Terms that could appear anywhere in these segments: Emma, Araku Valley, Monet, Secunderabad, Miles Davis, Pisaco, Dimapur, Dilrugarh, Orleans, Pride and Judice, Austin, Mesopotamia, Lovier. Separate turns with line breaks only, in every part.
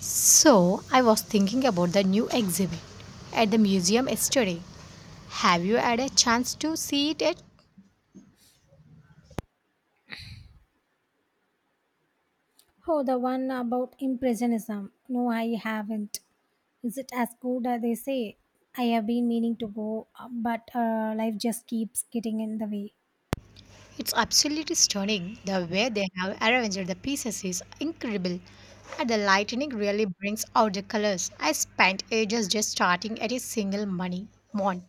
So, I was thinking about the new exhibit at the museum yesterday. Have you had a chance to see it yet?
Oh, the one about impressionism. No, I haven't. Is it as good as they say? I have been meaning to go, but life just keeps getting in the way.
It's absolutely stunning. The way they have arranged the pieces is incredible, and the lighting really brings out the colors. I spent ages just starting at a single money one.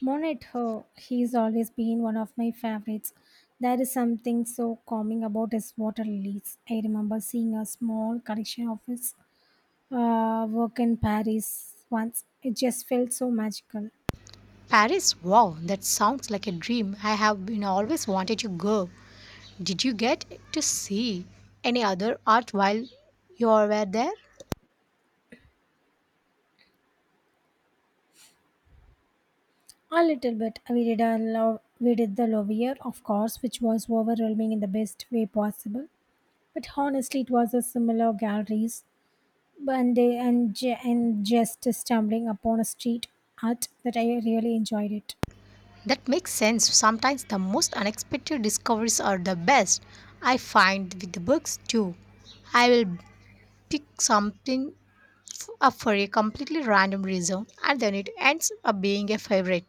Monet, oh, he's always been one of my favorites. There is something so calming about his water lilies. I remember seeing a small collection of his work in Paris once. It just felt so magical.
Paris, wow, that sounds like a dream. I have been always wanted to go. Did you get to see any other art while you were there?
A little bit. We did the love Lovier, of course, which was overwhelming in the best way possible. But honestly, it was a similar galleries, and they and, j- and just stumbling upon a street art that I really enjoyed it.
That makes sense. Sometimes the most unexpected discoveries are the best. I find with the books too. I will pick something up for a completely random reason and then it ends up being a favorite.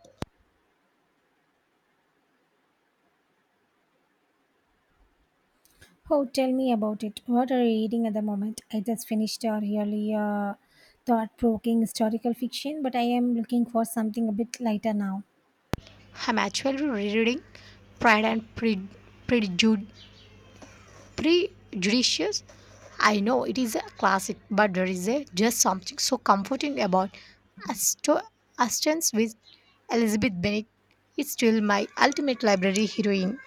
Oh, tell me about it. What are you reading at the moment? I just finished a really thought-provoking historical fiction, but I am looking for something a bit lighter now.
I'm actually rereading Pride and Pre- Prejud- Prejudice. I know it is a classic, but there is a, just something so comforting about Asto- Aston's with Elizabeth Bennet. It's still my ultimate library heroine.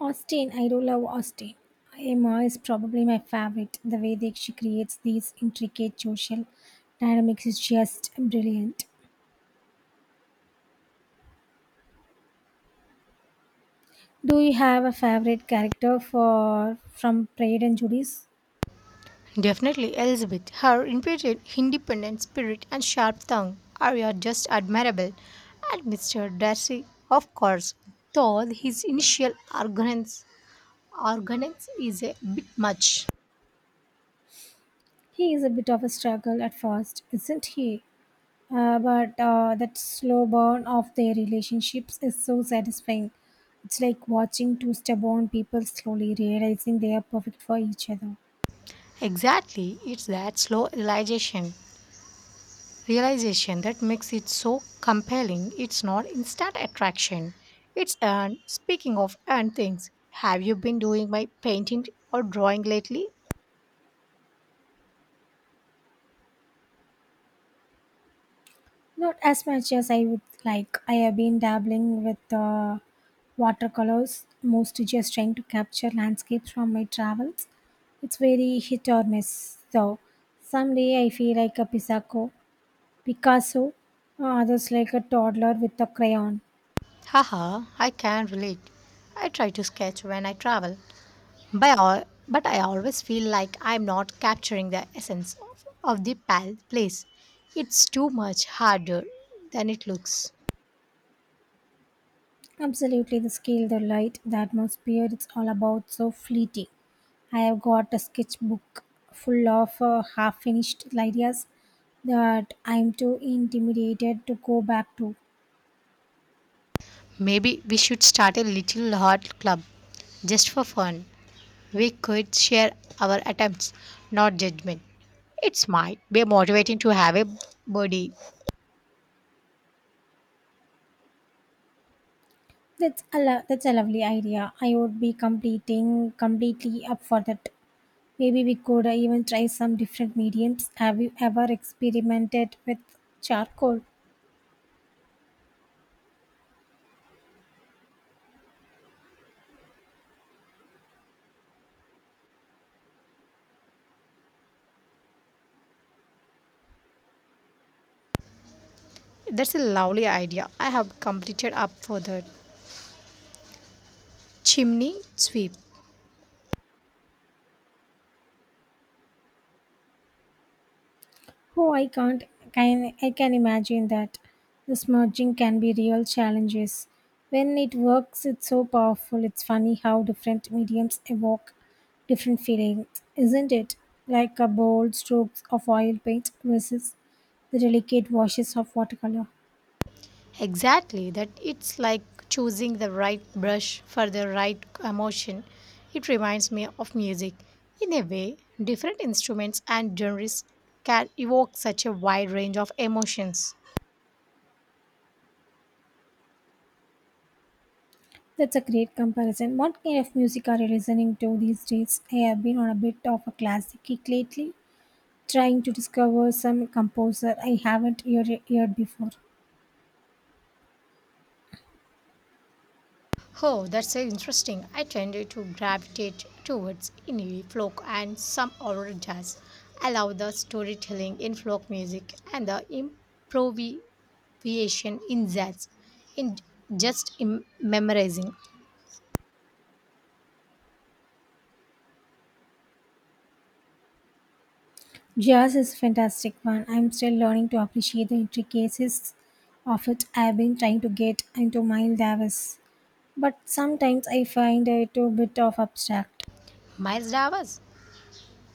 Austin, I do love Austin. Emma is probably my favorite. The way that she creates these intricate social dynamics is just brilliant. Do you have a favorite character for from Pride and Judice?
Definitely, Elizabeth. Her impudent, independent spirit and sharp tongue are just admirable. And Mr. Darcy, of course, though his initial arrogance is a bit much.
He is a bit of a struggle at first, isn't he? But That slow burn of their relationships is so satisfying. It's like watching two stubborn people slowly realizing they are perfect for each other.
Exactly, it's that slow realization that makes it so compelling. It's not instant attraction. It's and speaking of and things, have you been doing my painting or drawing lately?
Not as much as I would like. I have been dabbling with watercolors, mostly just trying to capture landscapes from my travels. It's very hit or miss, though. Someday I feel like a Picasso, others like a toddler with a crayon.
Haha, I can relate. I try to sketch when I travel, by all, but I always feel like I'm not capturing the essence of the place. It's too much harder than it looks.
Absolutely, the scale, the light, the atmosphere, it's all about so fleeting. I have got a sketchbook full of half finished ideas that I'm too intimidated to go back to.
Maybe we should start a little art club just for fun. We could share our attempts, not judgment. It might be motivating to have a buddy.
That's a lovely idea. I would be completing completely up for that. Maybe we could even try some different mediums. Have you ever experimented with charcoal?
That's a lovely idea. I have completed up for the chimney sweep.
Oh, I can't. I can imagine that. This merging can be real challenges. When it works, it's so powerful. It's funny how different mediums evoke different feelings, isn't it? Like a bold strokes of oil paint versus the delicate washes of watercolor.
Exactly, that it's like choosing the right brush for the right emotion. It reminds me of music. In a way, different instruments and genres can evoke such a wide range of emotions.
That's a great comparison. What kind of music are you listening to these days? I have been on a bit of a classic kick lately, trying to discover some composer I haven't heard before.
Oh, that's interesting. I tend to gravitate towards indie folk and some older jazz. I love the storytelling in folk music and the improvisation in jazz. In just memorizing.
Jazz is a fantastic one. I'm still learning to appreciate the intricacies of it. I've been trying to get into Miles Davis, but sometimes I find it a bit of abstract.
Miles Davis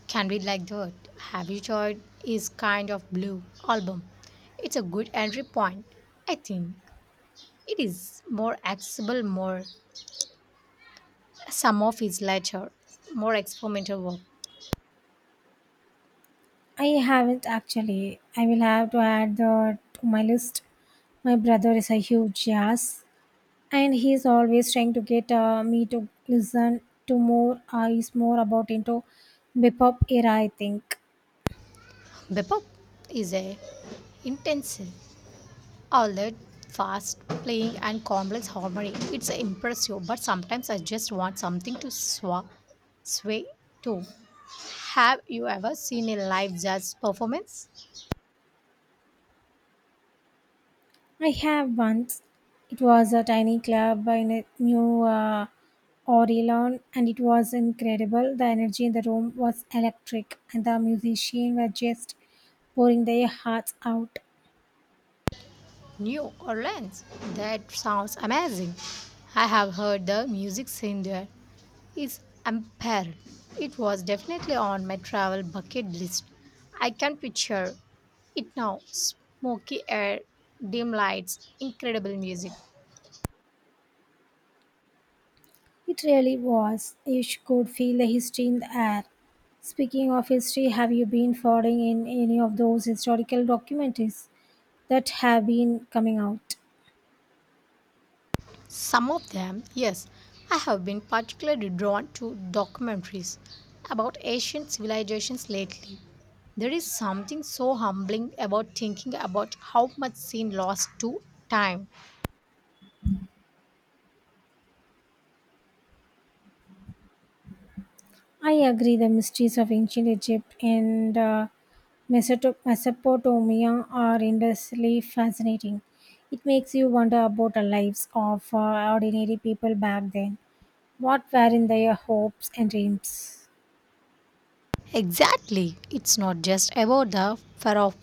can be like that. Have you tried is kind of blue album. It's a good entry point. I think it is more accessible more some of his later, more experimental work.
I haven't actually. I will have to add that to my list. My brother is a huge jazz, and he's always trying to get me to listen to more. Is more about into bebop era, I think.
Bebop is a intensive, all that fast playing and complex harmony. It's impressive, but sometimes I just want something to sway to. Have you ever seen a live jazz performance?
I have once. It was a tiny club in a new Orleans, and it was incredible. The energy in the room was electric, and the musicians were just pouring their hearts out.
New Orleans? That sounds amazing. I have heard the music scene there is unparalleled. It was definitely on my travel bucket list. I can picture it now. Smoky air, dim lights, incredible music.
It really was. Could feel the history in the air. Speaking of history, have you been following in any of those historical documentaries that have been coming out?
Some of them, yes. I have been particularly drawn to documentaries about ancient civilizations lately. There is something so humbling about thinking about how much sin lost to time.
I agree, the mysteries of ancient Egypt and Mesopotamia are endlessly fascinating. It makes you wonder about the lives of ordinary people back then. What were in their hopes and dreams?
Exactly. It's not just about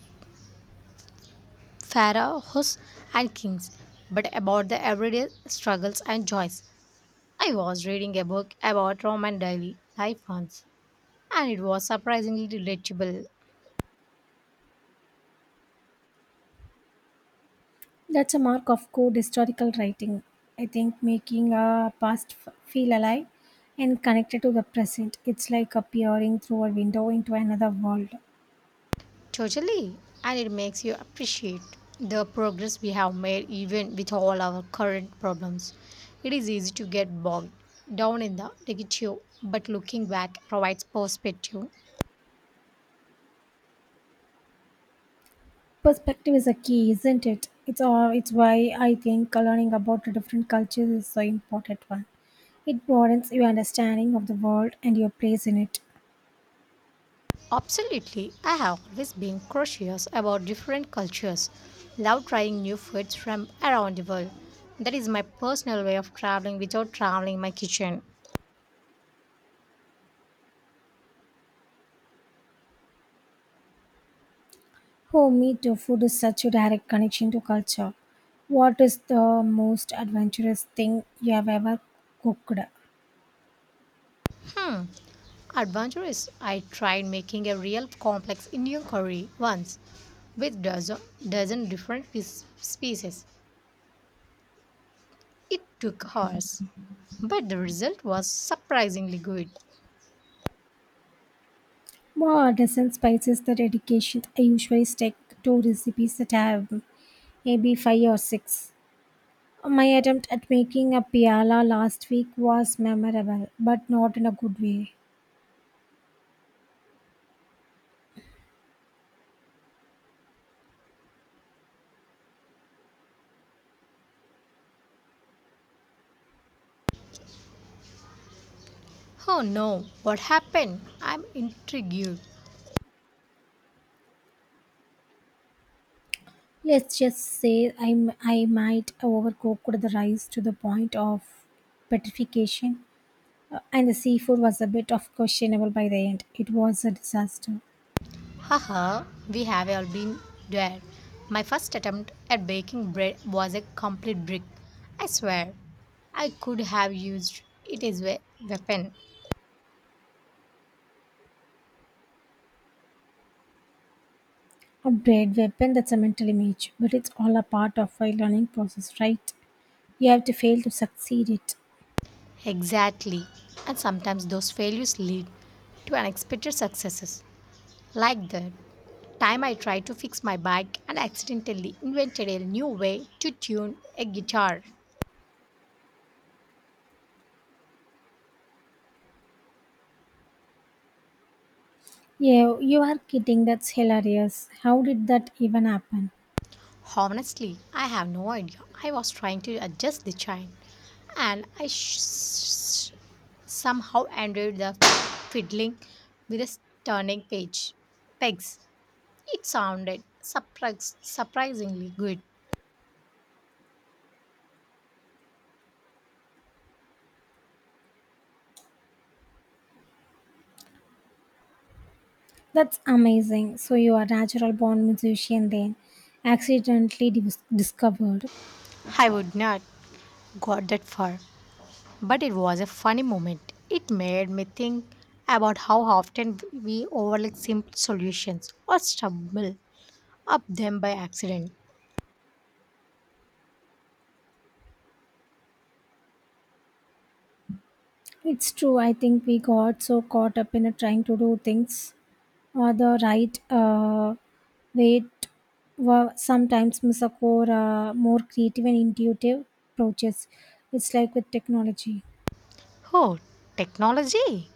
pharaohs and kings, but about the everyday struggles and joys. I was reading a book about Roman daily life once, and it was surprisingly relatable.
That's a mark of good historical writing. I think making a past feel alive and connected to the present. It's like appearing through a window into another world.
Totally, and it makes you appreciate the progress we have made even with all our current problems. It is easy to get bogged down in the negative, but looking back provides perspective.
Perspective is a key, isn't it? It's why I think learning about the different cultures is so important one. It broadens your understanding of the world and your place in it.
Absolutely, I have always been curious about different cultures, love trying new foods from around the world. That is my personal way of traveling without traveling my kitchen.
For me too, food is such a direct connection to culture. What is the most adventurous thing you have ever cooked?
Adventurous. I tried making a real complex Indian curry once with dozen different species. It took hours, but the result was surprisingly good.
More artisan spices that education I usually stick to recipes that have maybe five or six. My attempt at making a piala last week was memorable, but not in a good way.
Oh no, what happened? I'm intrigued.
Let's just say I might overcooked the rice to the point of petrification, and the seafood was a bit of questionable by the end. It was a disaster.
Haha, we have all been there. My first attempt at baking bread was a complete brick. I swear, I could have used it as a weapon.
A bread weapon that's a mental image, but it's all a part of a learning process, right? You have to fail to succeed it.
Exactly. And sometimes those failures lead to unexpected successes. Like the time I tried to fix my bike and accidentally invented a new way to tune a guitar.
Yeah, you are kidding. That's hilarious. How did that even happen?
Honestly, I have no idea. I was trying to adjust the chain and somehow ended the fiddling with a turning page pegs. It sounded surprisingly good.
That's amazing. So you are natural born musician then, accidentally discovered.
I would not got that far, but it was a funny moment. It made me think about how often we overlook simple solutions or stumble up them by accident.
It's true. I think we got so caught up in trying to do things or the right way. t- were sometimes miss a core, more creative and intuitive approaches. It's like with technology.
Oh, technology!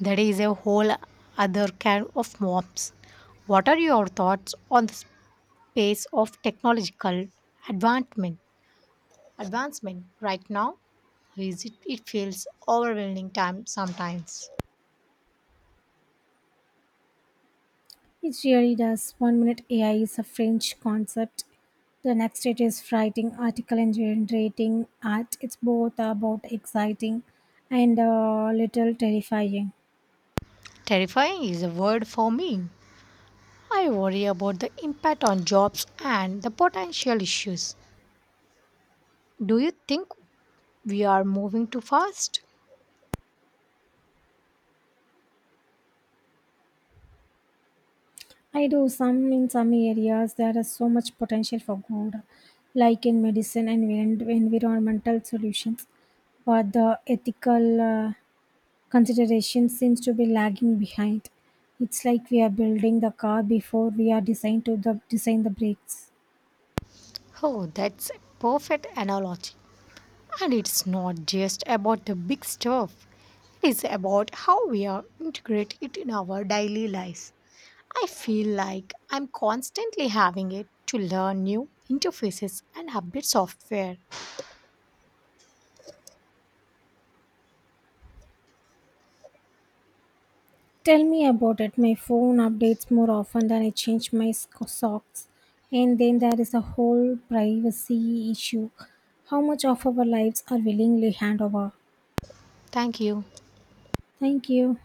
That is a whole other can of worms. What are your thoughts on the pace of technological advancement? Advancement right now? It feels overwhelming time sometimes.
It really does. One minute AI is a French concept. The next it is writing article and generating art. It's both about exciting and a little terrifying.
Terrifying is a word for me. I worry about the impact on jobs and the potential issues. Do you think we are moving too fast?
I do some in some areas there is so much potential for good, like in medicine and environmental solutions, but the ethical consideration seems to be lagging behind. It's like we are building the car before we are designed to the design the brakes.
Oh, that's a perfect analogy. And it's not just about the big stuff, it is about how we are integrate it in our daily lives. I feel like I'm constantly having it to learn new interfaces and update software.
Tell me about it. My phone updates more often than I change my socks. And then there is a whole privacy issue. How much of our lives are willingly handed over?
Thank you.
Thank you.